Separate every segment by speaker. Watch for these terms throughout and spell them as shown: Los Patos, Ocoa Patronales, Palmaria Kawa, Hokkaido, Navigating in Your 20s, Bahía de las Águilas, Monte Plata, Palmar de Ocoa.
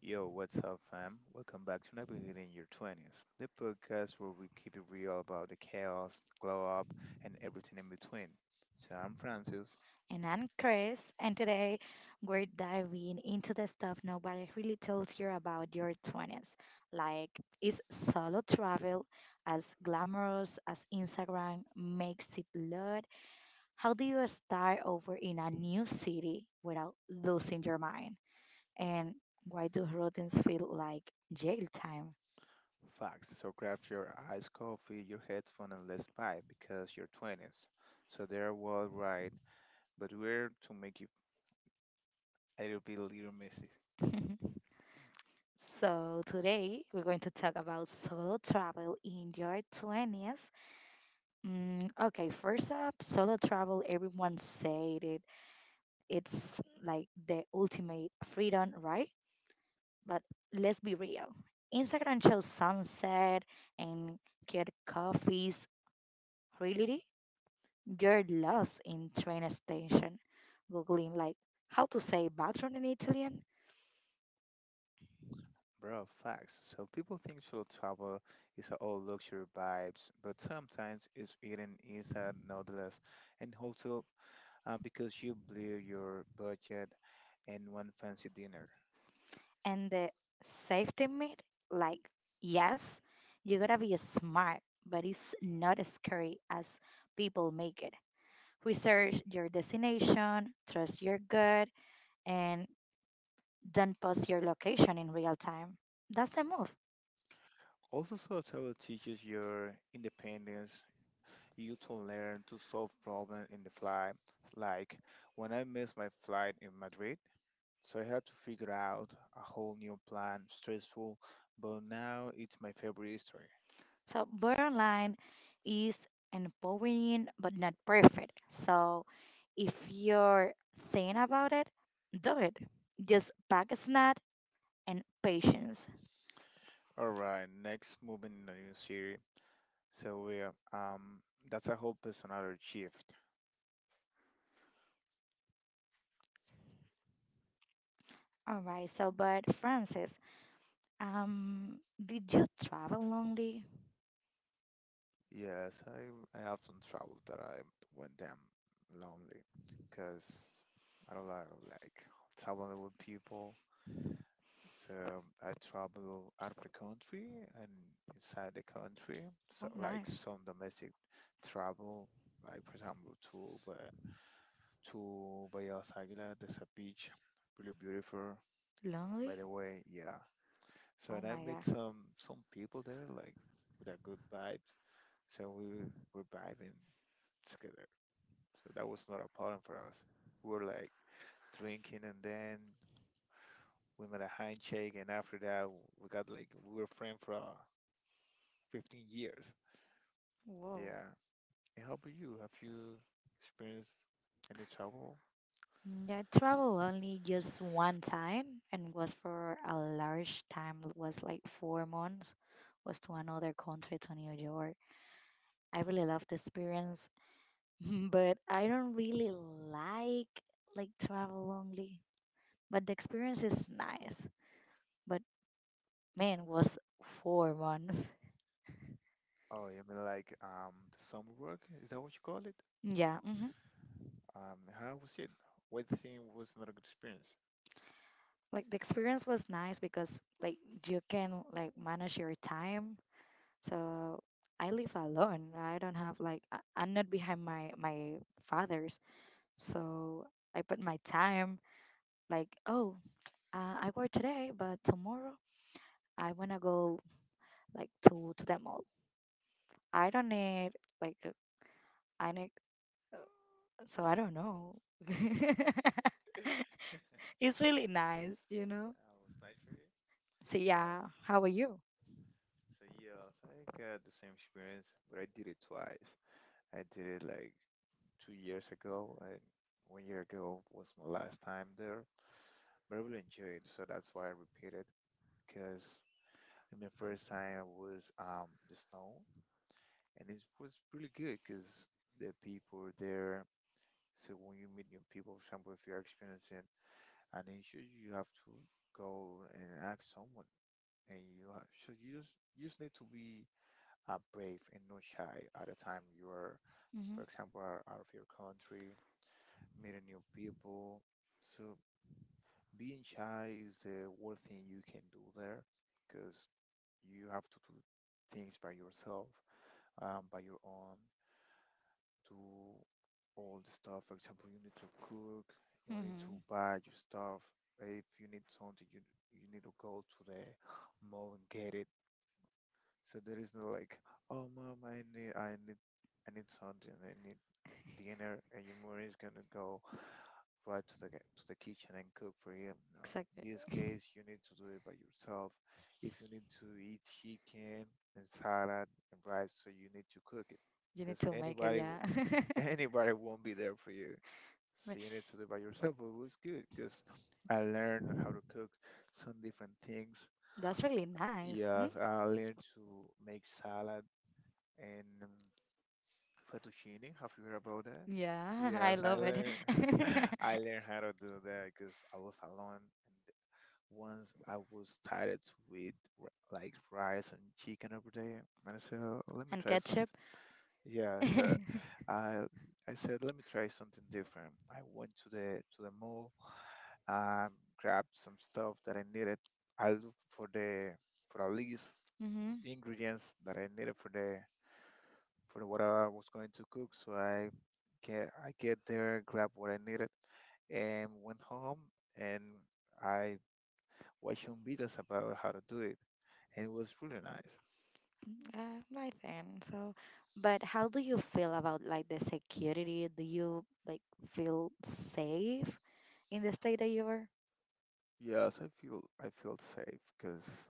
Speaker 1: Yo, what's up, fam? Welcome back to Navigating in Your 20s, the podcast where we keep it real about the chaos, glow up, and everything in between. So I'm Francis.
Speaker 2: And I'm Chris, and today we're diving into the stuff nobody really tells you about your 20s. Like, is solo travel as glamorous as Instagram makes it look? How do you start over in a new city without losing your mind? And why do routines feel like jail time?
Speaker 1: Facts. So grab your iced coffee, your headphone, and let's vibe because you're 20s. So they're well right, but we're to make it a little bit little messy.
Speaker 2: So, today we're going to talk about solo travel in your 20s. Mm, okay, first up, solo travel, everyone said it. It's like the ultimate freedom, right? But let's be real. Instagram shows sunset and get coffees. Really? You're lost in train station, googling like how to say bathroom in Italian
Speaker 1: Bro, facts. So people think solo travel is all luxury vibes, but sometimes it's eating inside noodles and hotel because you blew your budget and one fancy dinner.
Speaker 2: and the safety myth. Like, yes, you gotta be smart, but it's not as scary as people make it. Research your destination, trust your gut, and don't post your location in real time. That's the move.
Speaker 1: Also, solo travel teaches your independence. You to learn to solve problems in the fly. Like when I missed my flight in Madrid, so I had to figure out a whole new plan, stressful, but now it's my favorite story.
Speaker 2: So, borderline is empowering but not perfect. So, if you're thinking about it, do it. Just pack a snack and patience.
Speaker 1: All right, next moving in the new series. So we are, that's a whole another shift.
Speaker 2: All right. So, but Francis, um, did you travel lonely?
Speaker 1: Yes, I have some trouble that I went damn lonely because I don't like traveling with people. So I travel out of the country and inside the country. So
Speaker 2: Oh,
Speaker 1: like
Speaker 2: nice.
Speaker 1: some domestic travel, like for example to but to Bahía de las Águilas, there's a beach, really beautiful. By
Speaker 2: Lonely?
Speaker 1: the way, yeah. So
Speaker 2: Oh
Speaker 1: and I
Speaker 2: my God.
Speaker 1: met some people there like with a good vibes. So we were vibing together. So that was not a problem for us. We were like drinking and then we made a handshake and after that we got like we were friends for 15 years.
Speaker 2: Whoa.
Speaker 1: Yeah. And how about you? Have you experienced any trouble?
Speaker 2: I traveled only just one time and was for a large time, was like 4 months, was to another country, to New York. I really love the experience, but I don't really like like travel only. But the experience is nice. But man, was 4 months.
Speaker 1: Oh, you mean like the summer work? Is that what you call it?
Speaker 2: Yeah. Hmm.
Speaker 1: How was it? What thing was not a good experience?
Speaker 2: Like the experience was nice because like you can like manage your time. So I live alone. I don't have like I'm not behind my father's. So I put my time like oh I work today, but tomorrow I wanna go like to the mall. I don't need like I need uh, so I don't know. It's really nice.
Speaker 1: It was nice for you?
Speaker 2: So
Speaker 1: So
Speaker 2: yeah, how are you?
Speaker 1: So yeah, so I got the same experience, but I did it twice. I did it like 2 years ago, and 1 year ago was my last time there. But I really enjoyed, it, so that's why I repeated. Because I mean, first time was the snow, and it was really good because the people were there. So when you meet new people, for example, if you're experiencing an issue, you have to go and ask someone, and so you just need to be brave and not shy at a time you are,
Speaker 2: Hmm.
Speaker 1: for example, are out of your country, meeting new people. So being shy is the worst thing you can do there because you have to do things by yourself, by your own, do all the stuff. For example, you need to cook, you need to
Speaker 2: Hmm.
Speaker 1: buy your stuff. If you need something, you need to go to the mall and get it. So there is no like, oh mom, I need something. I need dinner, and your Yumura is gonna go right to the to the kitchen and cook for you. No,
Speaker 2: Exactly.
Speaker 1: in this case, you need to do it by yourself. If you need to eat chicken and salad and rice, so you need to cook it,
Speaker 2: You need
Speaker 1: because
Speaker 2: to make it, yeah.
Speaker 1: anybody won't be there for you.
Speaker 2: Ma-
Speaker 1: So you need to do it by yourself. But it was good because I learned how to cook some different things.
Speaker 2: That's really nice. Hmm?
Speaker 1: Yes, I learned to make salad and fettuccine. Have you heard about that?
Speaker 2: Yeah, I
Speaker 1: Yes, I
Speaker 2: love it.
Speaker 1: learned I learned how to do that because I was alone and once I was tired to eat like rice and chicken every day and I said, "Oh, let me
Speaker 2: And
Speaker 1: try
Speaker 2: ketchup.
Speaker 1: something yeah so I I said let me try something different. I went to the mall, um grabbed some stuff that I needed. I looked for the for a list of
Speaker 2: Hmm.
Speaker 1: ingredients that I needed for the for what I was going to cook. So I get there, grab what I needed, and went home and I watched some videos about how to do it, and it was really nice.
Speaker 2: Right then. So, but how do you feel about like the security? Do you like feel safe in the state that you are?
Speaker 1: Yes, I feel safe because,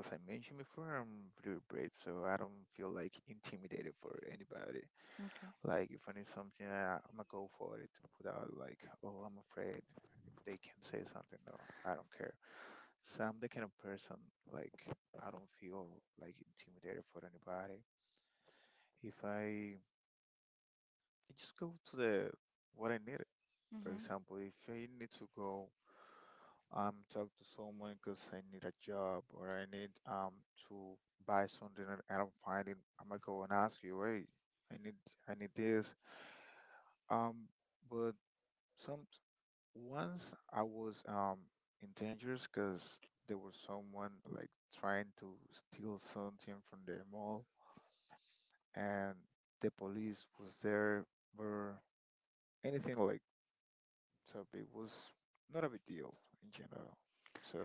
Speaker 1: as I mentioned before, I'm pretty brave, so I don't feel like intimidated for anybody.
Speaker 2: Okay.
Speaker 1: Like if I need something, I'm gonna go for it without like, oh, I'm afraid. If they can say something, no, I don't care. So I'm the kind of person like I don't feel like intimidated for anybody. If I, I just go to the what I need. For
Speaker 2: Mm-hmm.
Speaker 1: example, if I need to go talk to someone because I need a job or I need to buy something and I don't find it, I'm gonna go and ask you, hey, I need I need this. Um, but some once I was in dangers because there was someone like trying to steal something from the mall and the police was there or anything like so it was not a big deal in general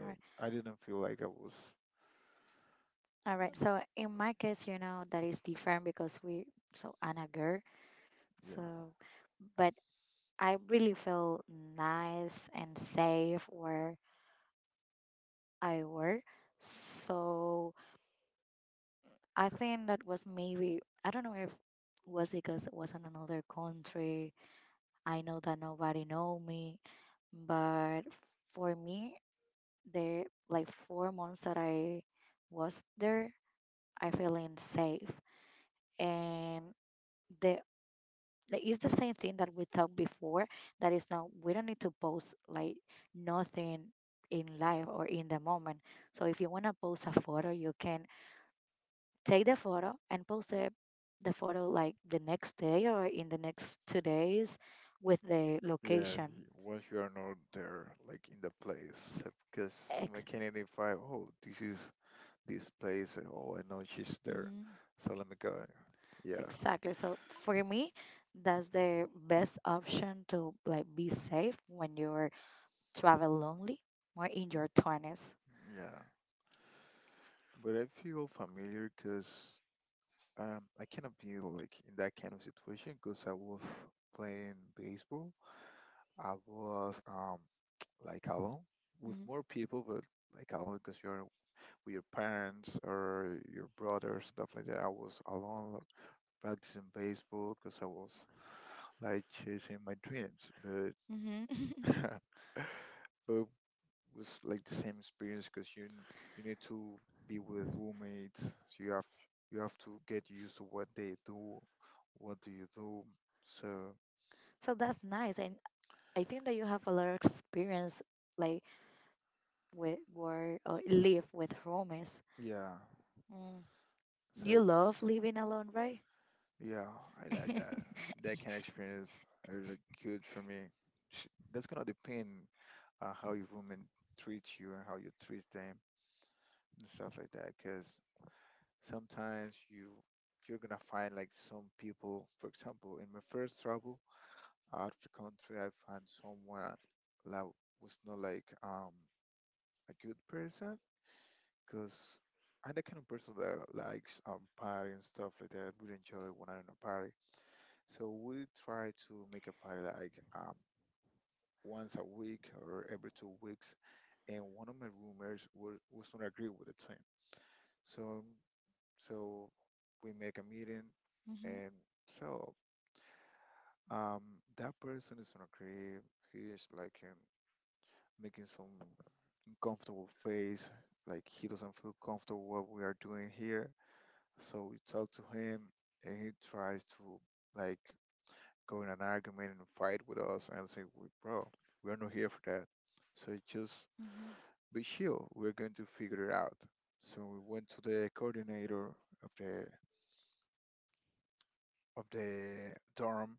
Speaker 2: All right.
Speaker 1: I didn't feel like I was
Speaker 2: All right.
Speaker 1: uh,
Speaker 2: So in my case, that is different because we so I'm a girl.
Speaker 1: yeah,
Speaker 2: So, but I really feel nice and safe where I work. So I think that was maybe I don't know if was because it was in another country, I know that nobody know me, but for me, the like 4 months that I was there, I feeling safe. And the like, it's the same thing that we talked before. That is now we don't need to post like nothing in life or in the moment. So if you wanna post a photo, you can take the photo and post the photo like the next day or in the next 2 days with the
Speaker 1: yeah,
Speaker 2: location.
Speaker 1: once you are not there like in the place because someone
Speaker 2: Ex-
Speaker 1: can identify oh this is this place and, oh I know she's there
Speaker 2: Mm-hmm.
Speaker 1: so let me go, yeah,
Speaker 2: Exactly. So for me, that's the best option to like be safe when you're travel lonely or in your 20s.
Speaker 1: yeah, but I feel familiar because um, I cannot be like in that kind of situation because I was playing baseball. I was like alone with more people, but like alone because you're with your parents or your brother stuff like that. I was alone like, practicing baseball because I was like chasing my dreams, but.
Speaker 2: Mm-hmm.
Speaker 1: But was like the same experience because you need to be with roommates. So you have to get used to what they do, what do you do. So
Speaker 2: So that's nice, and I think that you have a lot of experience like with where or live with roommates.
Speaker 1: yeah,
Speaker 2: Mm. You
Speaker 1: so
Speaker 2: love living alone, right?
Speaker 1: yeah, I like that.
Speaker 2: Mm-hmm.
Speaker 1: That kind of experience is like good for me. Sh- That's gonna depend on how your roommate treats you and how you treat them and stuff like that. Because sometimes you're gonna find like some people. For example, in my first trouble. After country I find someone that was not like a good person because I'm the kind of person that likes party and stuff like that. Really enjoy when I'm in a party. So we try to make a party like once a week or every 2 weeks. And one of my roommates was not agree with the team. So so we make a meeting and so um that person is not agree. He is like making some uncomfortable face. Like he doesn't feel comfortable what we are doing here. So we talk to him, and he tries to like go in an argument and fight with us and say, "We- Bro, we are not here for that." So just
Speaker 2: Mm-hmm.
Speaker 1: be chill. We're going to figure it out. So we went to the coordinator of the of the dorm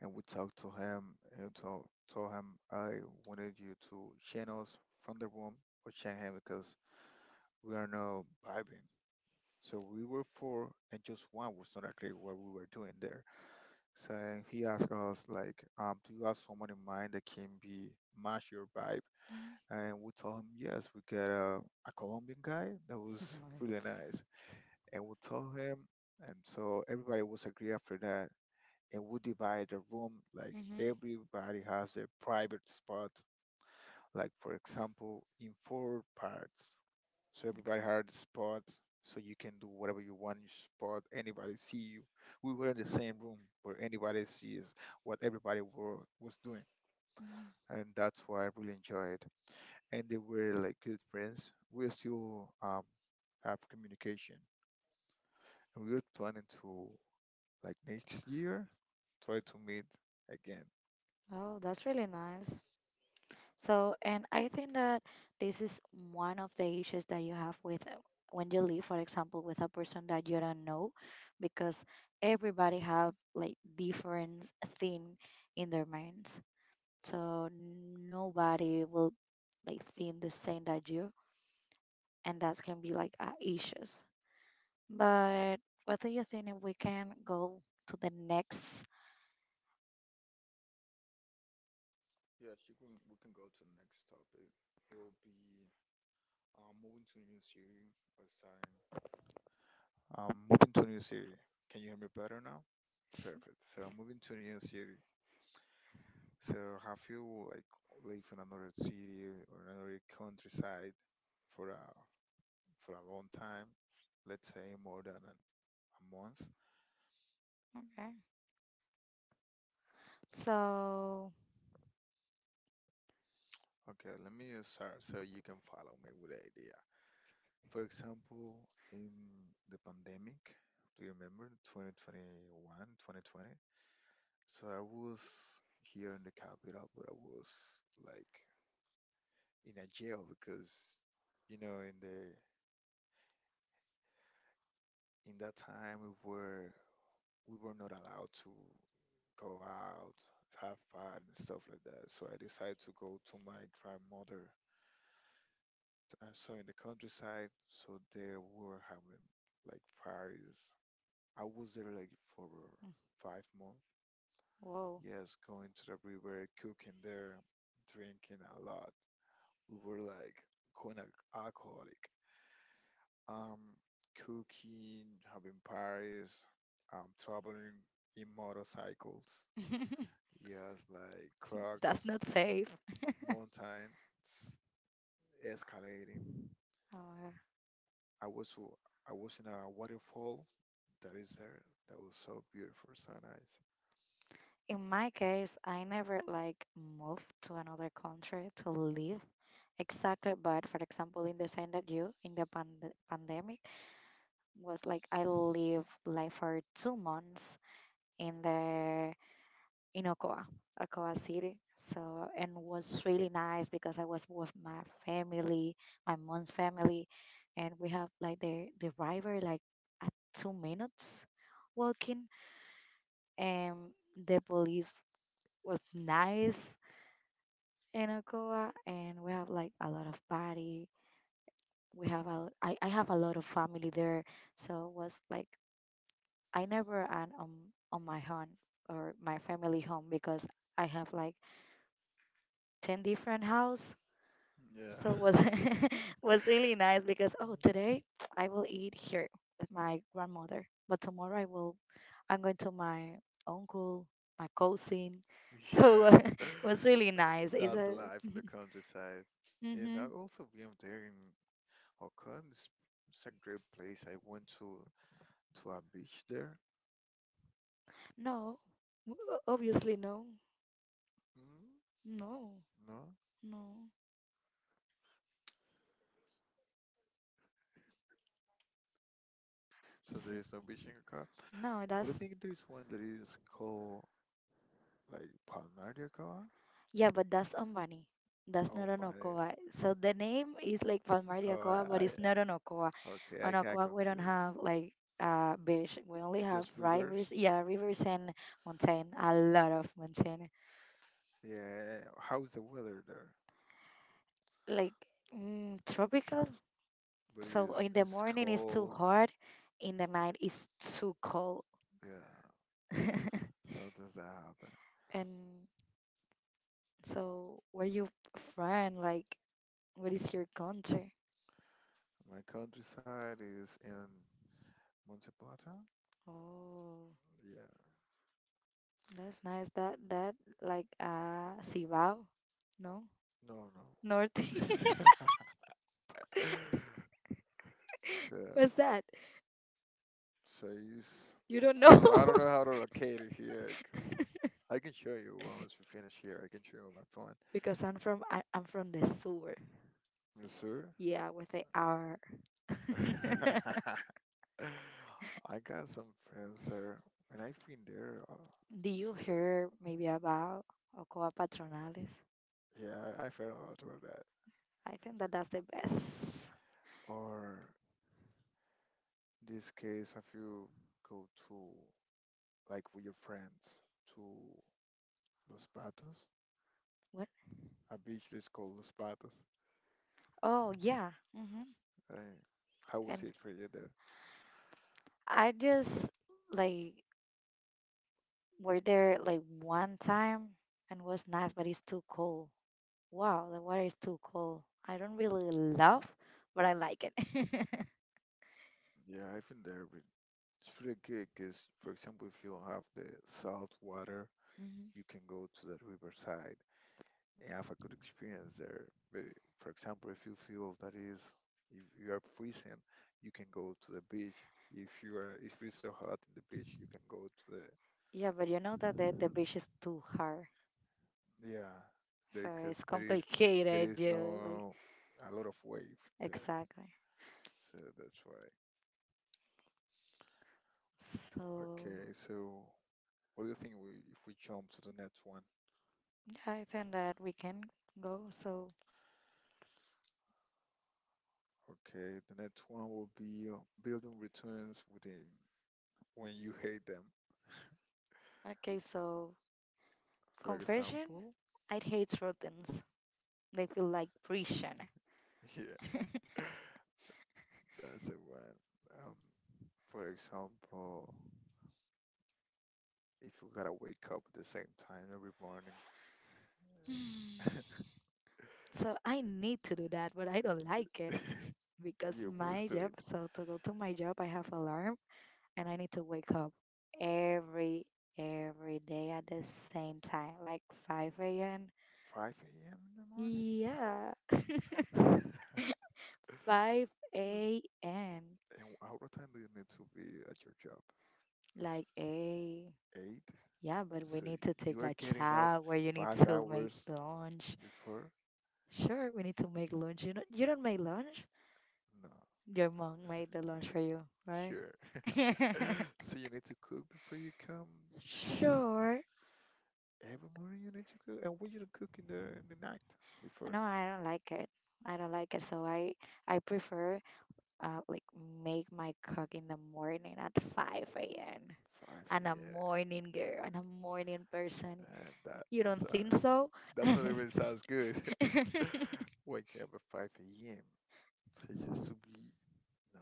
Speaker 1: and we talked to him and told him I wanted you to chain us from the room or chain him because we are not vibing. So we were four, and just one was not agree what we were doing there. So he asked us like, "Do you have someone in mind that can be match your vibe?" And we told him yes. We got a Colombian guy that was
Speaker 2: Mm-hmm.
Speaker 1: really nice, and we told him, and so everybody was agree after that. And we divide the room like
Speaker 2: Mm-hmm.
Speaker 1: everybody has their private spot. Like for example, in four parts. So everybody
Speaker 2: Okay.
Speaker 1: hired a spot, so you can do whatever you want in your spot. Anybody see you? We were in the same room where anybody sees what was doing,
Speaker 2: Mhm.
Speaker 1: and that's why I really enjoyed. And they were like good friends. We still have communication, and we were planning to like next year try to meet again.
Speaker 2: Oh, that's really nice. So, and I think that this is one of the issues that you have with when you live, for example, with a person that you don't know, because everybody have like different thing in their minds. So nobody will like think the same that you, and that can be like issues. But what do you think if we can go to the next?
Speaker 1: Yes, you can, we can go to the next topic. It will be moving to new series or something. Moving to a new city. Can you hear me better now? Perfect. So moving to a new city. So have you like lived in another city or another countryside for a for a long time? Let's say more than a month.
Speaker 2: Okay. So,
Speaker 1: Okay, let me just start so you can follow me with the idea. For example, in the pandemic, do you remember 2021, 2020? So I was here in the capital, but I was like in a jail because you know in the in that time we were not allowed to go out, have fun and stuff like that. So I decided to go to my grandmother. I saw in the countryside, so there were having like parties. I was there like for
Speaker 2: mm,
Speaker 1: 5 months,
Speaker 2: whoa.
Speaker 1: yes, going to the river, cooking there, drinking a lot. We were like going alcoholic, um, cooking, having parties, traveling in motorcycles. Yes, like
Speaker 2: That's
Speaker 1: Crocs,
Speaker 2: not safe.
Speaker 1: mountain, s- escalating.
Speaker 2: Uh,
Speaker 1: I was w- I was in a waterfall that is there. That was so beautiful, so nice.
Speaker 2: in my case, I never like moved to another country to live exactly, but for example, in the same that you in the pandemic was like I lived like for 2 months in the in Okoa, Okoa City. So, and was really nice because I was with my family, my mom's family, and we have like the river like at 2 minutes walking, and the police was nice in Okoa, and we have like a lot of party. We have a, I have a lot of family there, so it was like I never am on my home or my family home because I have like 10 different houses.
Speaker 1: Yeah,
Speaker 2: So it was was really nice because oh today I will eat here with my grandmother, but tomorrow I'm going to my uncle, my cousin. So
Speaker 1: yeah.
Speaker 2: it was really nice. Is
Speaker 1: That's the
Speaker 2: a,
Speaker 1: life in the countryside, and
Speaker 2: mm-hmm.
Speaker 1: I also being there in Hokan is it's a great place. I went to a beach there.
Speaker 2: No, obviously no,
Speaker 1: Mm,
Speaker 2: no,
Speaker 1: no,
Speaker 2: no,
Speaker 1: so
Speaker 2: S-
Speaker 1: there is no beach in Hokkaido.
Speaker 2: no.
Speaker 1: But I
Speaker 2: That's
Speaker 1: think there is one that is called like Palmaria Kawa.
Speaker 2: yeah, but that's Ambani. That's not
Speaker 1: Oh
Speaker 2: an
Speaker 1: my!
Speaker 2: Okoa. So the name is like Palmar de
Speaker 1: Oh,
Speaker 2: Ocoa, but
Speaker 1: I,
Speaker 2: it's not an Ocoa.
Speaker 1: I okay.
Speaker 2: On
Speaker 1: I got
Speaker 2: Ocoa, we don't
Speaker 1: confused.
Speaker 2: have like beach. We only have
Speaker 1: Just
Speaker 2: rivers.
Speaker 1: rivers.
Speaker 2: Yeah, rivers and mountain. A lot of mountain.
Speaker 1: Yeah. How's the weather there?
Speaker 2: Like tropical.
Speaker 1: But
Speaker 2: So in
Speaker 1: it's
Speaker 2: the
Speaker 1: it's
Speaker 2: morning it's too
Speaker 1: cold.
Speaker 2: hot. In the night it's too cold.
Speaker 1: Yeah. Sometimes that happen.
Speaker 2: And so where you from? Like what is your country?
Speaker 1: My countryside is in Monte Plata.
Speaker 2: Oh.
Speaker 1: Yeah.
Speaker 2: That's nice. That like Sivao? No?
Speaker 1: No, no.
Speaker 2: North?
Speaker 1: so,
Speaker 2: What's that?
Speaker 1: so it's,
Speaker 2: You don't
Speaker 1: I
Speaker 2: know?
Speaker 1: don't know. I don't know how to locate it here. 'Cause I can show you once we finish here. I can show you my phone.
Speaker 2: Because I'm from the sewer.
Speaker 1: Missouri.
Speaker 2: Yeah, with the R.
Speaker 1: I got some friends there, and I've been there.
Speaker 2: Do you
Speaker 1: So,
Speaker 2: hear maybe about Ocoa Patronales?
Speaker 1: yeah, I've heard a lot about that.
Speaker 2: I think that that's the best.
Speaker 1: Or this case, if you go to like with your friends to Los Patos,
Speaker 2: What?
Speaker 1: a beach that's called Los Patos.
Speaker 2: Oh yeah. Hmm.
Speaker 1: Uh, how was
Speaker 2: And
Speaker 1: it for you there?
Speaker 2: I just like were there like one time and was nice, but it's too cold. Wow, the water is too cold. I don't really love, but I like it.
Speaker 1: Yeah, I've been there, but it's really good because, for example, if you don't have the salt water,
Speaker 2: Mhm.
Speaker 1: you can go to the riverside and have a good experience there. But for example, if you feel that is, if you are freezing, you can go to the beach. If you are, If it's so hot in the beach, you can go to
Speaker 2: Yeah, but you know that the beach is too hard.
Speaker 1: yeah,
Speaker 2: So
Speaker 1: there because
Speaker 2: it's
Speaker 1: there
Speaker 2: complicated,
Speaker 1: is
Speaker 2: you like
Speaker 1: no a lot of wave there,
Speaker 2: exactly.
Speaker 1: so that's why.
Speaker 2: So
Speaker 1: Okay, so. What do you think we, if we jump to the next one?
Speaker 2: yeah, I think that we can go. So
Speaker 1: Okay, the next one will be building returns within when you hate them.
Speaker 2: okay, so
Speaker 1: For
Speaker 2: confession,
Speaker 1: example,
Speaker 2: I hate routines. They feel like prison.
Speaker 1: yeah, that's the one. For example, if you gotta wake up at the same time every morning,
Speaker 2: Hmm. So I need to do that, but I don't like it because
Speaker 1: you must
Speaker 2: my
Speaker 1: do
Speaker 2: job,
Speaker 1: it.
Speaker 2: so to go to my job, I have alarm. And I need to wake up every every day at the same time, like 5 a.m.
Speaker 1: 5 a.m. in
Speaker 2: Yeah.
Speaker 1: the morning?
Speaker 2: 5 a.m.
Speaker 1: And how what time do you need to be at your job?
Speaker 2: Like, a
Speaker 1: 8?
Speaker 2: yeah, but we
Speaker 1: So
Speaker 2: need to
Speaker 1: you
Speaker 2: take
Speaker 1: are
Speaker 2: a
Speaker 1: getting up
Speaker 2: chat where you need
Speaker 1: five
Speaker 2: to make
Speaker 1: hours
Speaker 2: lunch.
Speaker 1: before?
Speaker 2: Sure, we need to make lunch. You know, you don't make lunch.
Speaker 1: No.
Speaker 2: Your mom made the lunch for you, right?
Speaker 1: Sure. So you need to cook before you come.
Speaker 2: Sure.
Speaker 1: Every morning you need to cook. And what you don't cook in the night before?
Speaker 2: No, I don't like it. I don't like it, so I prefer like make my cock in the morning at 5 a.m.
Speaker 1: 5
Speaker 2: And a
Speaker 1: a.m.
Speaker 2: morning girl, I'm a morning person.
Speaker 1: Damn, that
Speaker 2: You don't
Speaker 1: that's
Speaker 2: think so?
Speaker 1: that's not
Speaker 2: And
Speaker 1: even sounds good. Waking up at 5 a.m. So just to be no,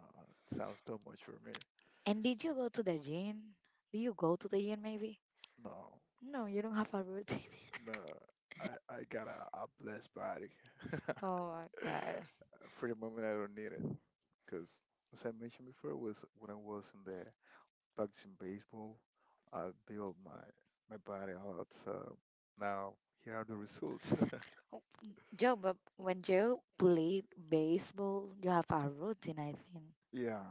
Speaker 1: sounds too much for me.
Speaker 2: did you go to the gym? Do you go to the gym maybe?
Speaker 1: No,
Speaker 2: No, you don't have a routine.
Speaker 1: no, I got a blessed body.
Speaker 2: Oh my god.
Speaker 1: For the moment, I don't need it because, as I mentioned before, was when I was in the practicing baseball. I built my my body out. So now here are the results.
Speaker 2: Oh, Joe, but when Joe played baseball, you have a routine, I think.
Speaker 1: Yeah,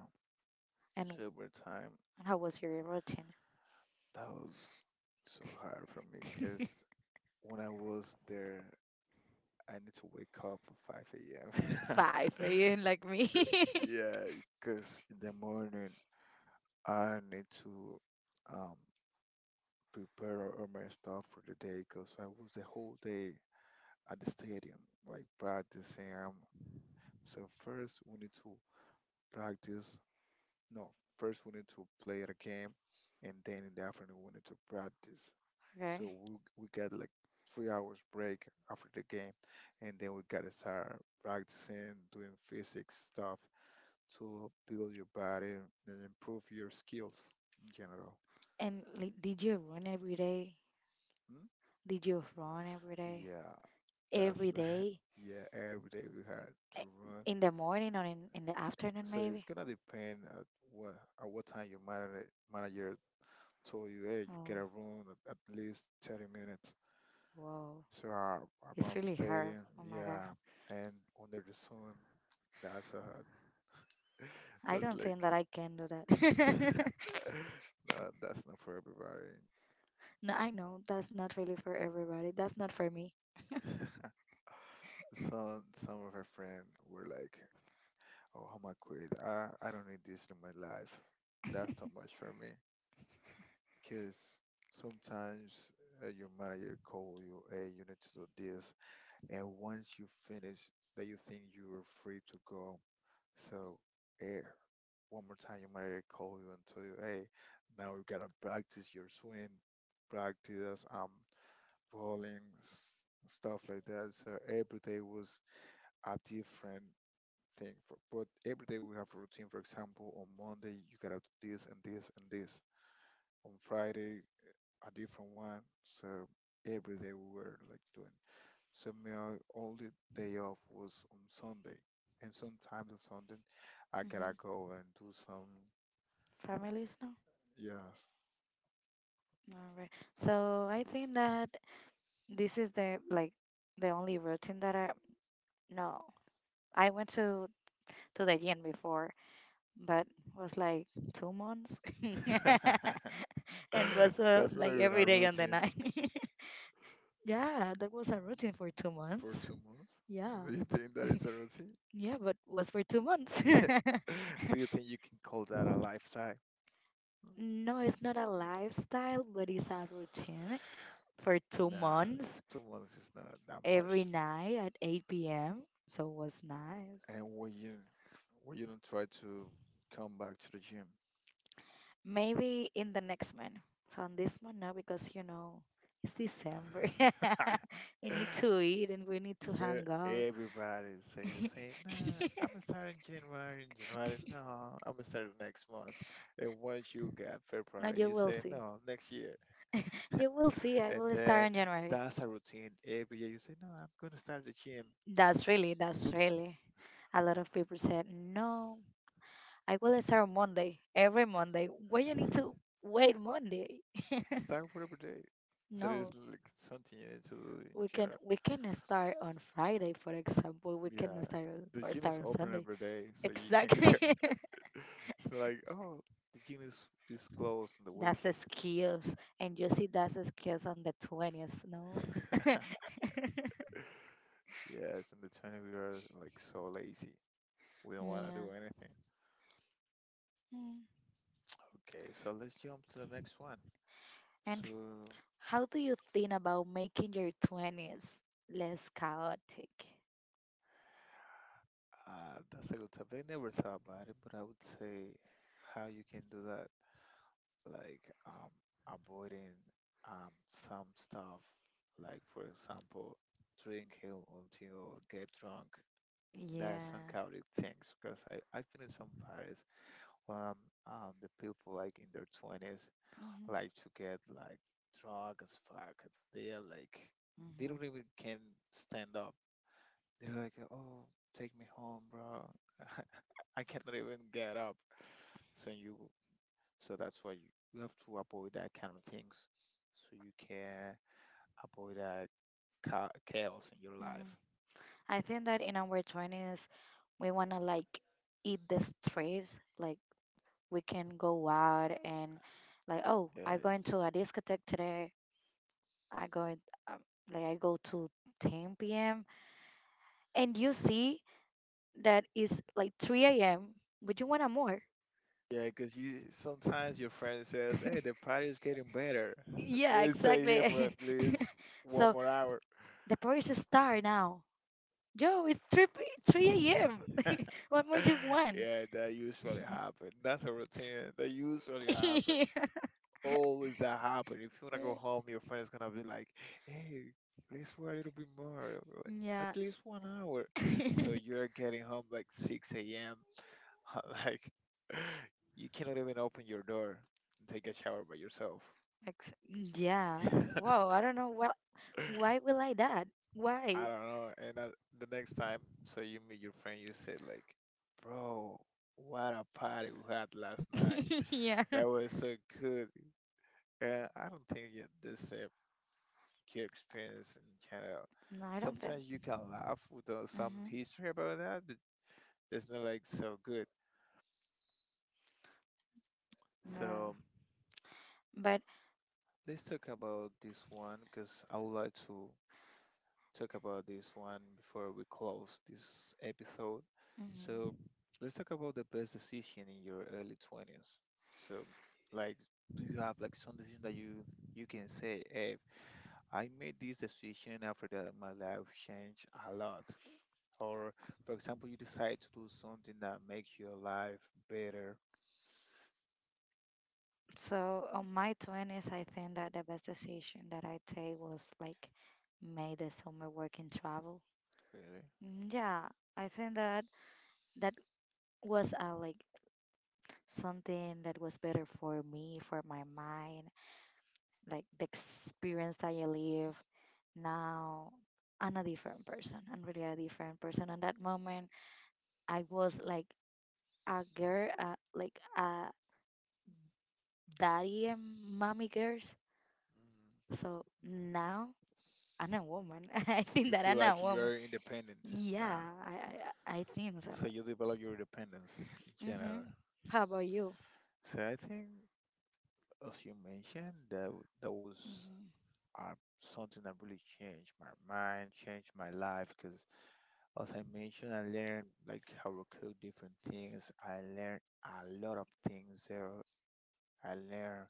Speaker 2: And
Speaker 1: sober time.
Speaker 2: how was your routine?
Speaker 1: That was so hard for me because when I was there, I need to wake up at 5 a.m.
Speaker 2: 5 a.m. like me.
Speaker 1: Yeah, because in the morning I need to um, prepare all my stuff for the day because I was the whole day at the stadium, like practicing. So first we need to practice no, first we need to play at a game, and then in the afternoon we need to practice. So
Speaker 2: Okay.
Speaker 1: we got like 3 hours break after the game, and then we gotta start practicing, doing physics stuff to build your body and improve your skills in general.
Speaker 2: And like, did you run every day?
Speaker 1: Hmm?
Speaker 2: Did you run every day?
Speaker 1: Yeah,
Speaker 2: Every
Speaker 1: that's
Speaker 2: day?
Speaker 1: yeah. Every day we had
Speaker 2: Eh,
Speaker 1: to run.
Speaker 2: In the morning or in the afternoon,
Speaker 1: So it's
Speaker 2: maybe?
Speaker 1: gonna depend what at what time your manager told you, hey, you
Speaker 2: Oh,
Speaker 1: gotta run at least 30 minutes.
Speaker 2: whoa.
Speaker 1: So
Speaker 2: It's
Speaker 1: around the
Speaker 2: really hard.
Speaker 1: stadium,
Speaker 2: Oh my God.
Speaker 1: yeah, and under the sun, that's uh,
Speaker 2: I
Speaker 1: that's
Speaker 2: don't think
Speaker 1: like,
Speaker 2: that I can do
Speaker 1: no,
Speaker 2: that.
Speaker 1: that's not for everybody.
Speaker 2: No, I know that's not really for everybody. That's not for me.
Speaker 1: Some of our friends were like, "Oh, I'm gonna quit. I don't need this in my life. That's too much for me." Cause sometimes your manager call you, "Hey, you need to do this," and once you finish, that you think you are free to go, so, eh, one more time, you might call you and tell you, hey, now you gotta practice your swing, practice rolling, stuff like that. So every day was a different thing. For, but every day we have a routine. For example, on Monday you gotta do this and this and this. On Friday, a different one. So every day we were like doing so my only day off was on Sunday, and sometimes on Sunday I
Speaker 2: Hmm.
Speaker 1: gotta go and do some.
Speaker 2: Families, no?
Speaker 1: Yes,
Speaker 2: All right. So I think that this is the like the only routine that I no. I went to the gym before, but was like 2 months and was
Speaker 1: that's not
Speaker 2: like
Speaker 1: even
Speaker 2: every
Speaker 1: a
Speaker 2: day on the
Speaker 1: routine
Speaker 2: night. Yeah, that was a routine for two
Speaker 1: for
Speaker 2: months.
Speaker 1: 2 months.
Speaker 2: Yeah.
Speaker 1: Do you think that it's a routine?
Speaker 2: Yeah, but was for 2 months.
Speaker 1: Yeah. Do you think you can call that a lifestyle?
Speaker 2: No, it's not a lifestyle, but it's a routine for two
Speaker 1: Nah,
Speaker 2: months
Speaker 1: it's- 2 months is not that
Speaker 2: every
Speaker 1: much.
Speaker 2: night at 8 p.m. So it was nice.
Speaker 1: And when you don't try to come back to the gym,
Speaker 2: Maybe in the next month. So on this month now because you know it's December. We need to eat and we need to
Speaker 1: so
Speaker 2: hang out.
Speaker 1: everybody say the same. Nah, I'm starting January. In January, no, I'm starting next month. And once you get
Speaker 2: No,
Speaker 1: February,
Speaker 2: you
Speaker 1: you
Speaker 2: will
Speaker 1: say
Speaker 2: see.
Speaker 1: no, next year.
Speaker 2: You will see. I
Speaker 1: And
Speaker 2: will start
Speaker 1: then
Speaker 2: in January.
Speaker 1: that's a routine. Every year you say no, I'm gonna start the gym.
Speaker 2: That's really, that's really. A lot of people said, no, I will start on Monday, every Monday. Why you need to wait Monday?
Speaker 1: Start for every day. So there's
Speaker 2: No.
Speaker 1: like something you need to do in
Speaker 2: we can
Speaker 1: general.
Speaker 2: we can start on Friday, for example. We can
Speaker 1: Yeah,
Speaker 2: start
Speaker 1: the
Speaker 2: or
Speaker 1: gym is
Speaker 2: start on
Speaker 1: open
Speaker 2: Sunday.
Speaker 1: every day, so you can
Speaker 2: Exactly.
Speaker 1: go. It's like, oh, the gym is, is closed on the
Speaker 2: That's a
Speaker 1: weekend.
Speaker 2: skills, and you see that's a skills on the 20th. No. Yeah.
Speaker 1: Yes, and the 20 we are like so lazy. We don't want to do anything.
Speaker 2: Mm.
Speaker 1: Okay, so let's jump to the next one. So
Speaker 2: And how do you think about making your 20s less chaotic?
Speaker 1: that's a good topic. I never thought about it, but I would say how you can do that, like avoiding some stuff, like for example, drinking until you get drunk. That some
Speaker 2: Yeah.
Speaker 1: chaotic things because I've been in some parties um, the people like in their 20s like to get like drunk as fuck. They are like, they
Speaker 2: Hmm.
Speaker 1: don't even can stand up. They're like, oh, take me home, bro. I cannot even get up. So you, so that's why you have to avoid that kind of things so you can avoid that chaos in your
Speaker 2: Hmm.
Speaker 1: life.
Speaker 2: I think that in our 20s, we want to like eat the streets. Like we can go out and like, oh, I
Speaker 1: Yes.
Speaker 2: going to a discotheque today. I going um, like I go to 10 p.m. and you see that it's like 3 a.m. But you want a more.
Speaker 1: Yeah, because you sometimes your friend says, "Hey, the party is getting better.
Speaker 2: Yeah,
Speaker 1: Let's stay here for at
Speaker 2: exactly.
Speaker 1: least one
Speaker 2: So
Speaker 1: more hour."
Speaker 2: the party start now. Yo, it's 3 3 a.m. What more you want?
Speaker 1: Yeah, that usually happen. That's a routine. That usually happen.
Speaker 2: Yeah.
Speaker 1: Always that happen. If you wanna go home, your friend is gonna be like, "Hey, let's wait a little bit more, like,
Speaker 2: Yeah.
Speaker 1: at least one hour." So you're getting home like 6 a.m. like you cannot even open your door and take a shower by yourself.
Speaker 2: Yeah. Wow, I don't know what why will I that?
Speaker 1: I
Speaker 2: Why?
Speaker 1: don't know. The next time, so you meet your friend, you say like, "Bro, what a party we had last night.
Speaker 2: Yeah.
Speaker 1: That was so good." And I don't think you this kid experience in Canada.
Speaker 2: No, I don't think.
Speaker 1: Sometimes you can laugh with some
Speaker 2: Hmm.
Speaker 1: history about that, but it's not like so good.
Speaker 2: Yeah.
Speaker 1: So
Speaker 2: But
Speaker 1: let's talk about this one because I would like to. Talk about this one before we close this episode. So,
Speaker 2: hmm
Speaker 1: let's talk about the best decision in your early 20s. So, like, do you have like some decision that you can say, hey, I made this decision after that my life changed a lot? Or, for example, you decide to do something that makes your life better,
Speaker 2: so on my 20s, I think that the best decision that I take was like made the summer work and travel.
Speaker 1: really?
Speaker 2: Mm, yeah, I think that that was like something that was better for me, for my mind, like the experience that I live now. I'm a different person. I'm really a different person. At that moment, I was like a girl, like a daddy and mommy girls.
Speaker 1: Mm.
Speaker 2: So now I'm a woman. I think
Speaker 1: You
Speaker 2: that
Speaker 1: feel
Speaker 2: I'm a
Speaker 1: like you
Speaker 2: woman.
Speaker 1: are independent
Speaker 2: Yeah,
Speaker 1: now.
Speaker 2: I think so.
Speaker 1: So you develop your independence in
Speaker 2: Hmm.
Speaker 1: general.
Speaker 2: How about you?
Speaker 1: So I think, as you mentioned, that was
Speaker 2: Mm-hmm.
Speaker 1: uh, something that really changed my mind, changed my life. Because as I mentioned, I learned like how to cook different things. I learned a lot of things there. I learned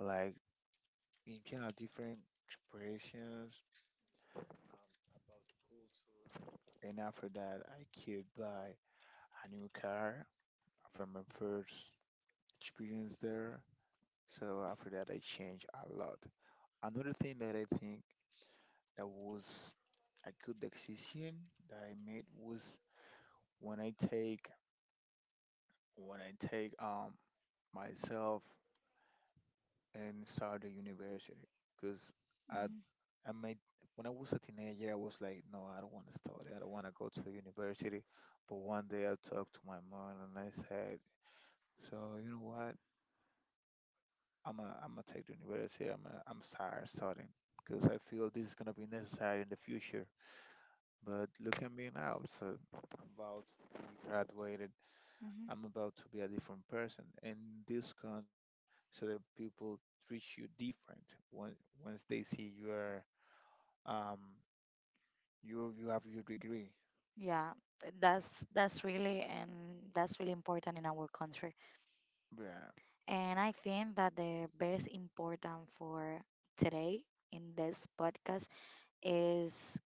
Speaker 1: like in general different expressions. And after that, I could buy a new car from my first experience there. So after that, I changed a lot. Another thing that I think that was a good decision that I made was when I take when I take myself and start the university because I
Speaker 2: Hmm.
Speaker 1: I made when I was a teenager I was like no I don't want to study I don't want to go to university but one day I talked to my mom and I said so you know what I'm gonna take the university. I'm tired starting because I feel this is gonna be necessary in the future. But look at me now. So I'm about to be graduated.
Speaker 2: Hmm.
Speaker 1: I'm about to be a different person in this country. So that people treat you different when once they see you are um you have your degree.
Speaker 2: Yeah, that's really and that's really important in our country.
Speaker 1: Yeah,
Speaker 2: And I think that the best important for today in this podcast is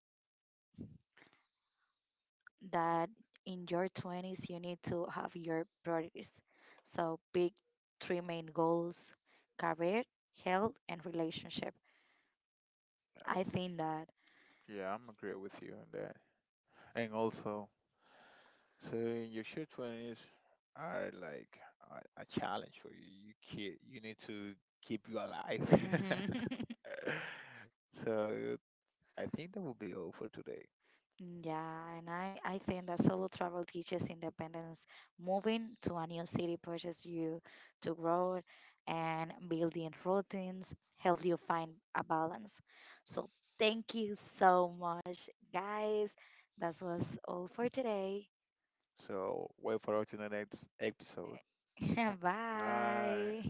Speaker 2: that in your 20s you need to have your priorities. So pick three main goals: career, health, and relationship.
Speaker 1: yeah,
Speaker 2: I think that.
Speaker 1: yeah. I'm agree with you on that. And also, so your sure twenties are like a challenge for you. You need to keep you alive.
Speaker 2: Mm-hmm.
Speaker 1: So I think that will be all for today.
Speaker 2: Yeah, and I think that solo travel teaches independence. Moving to a new city pushes you to grow and building routines help you find a balance. So thank you so much, guys. That was all for today.
Speaker 1: So wait for us in the next episode.
Speaker 2: Bye.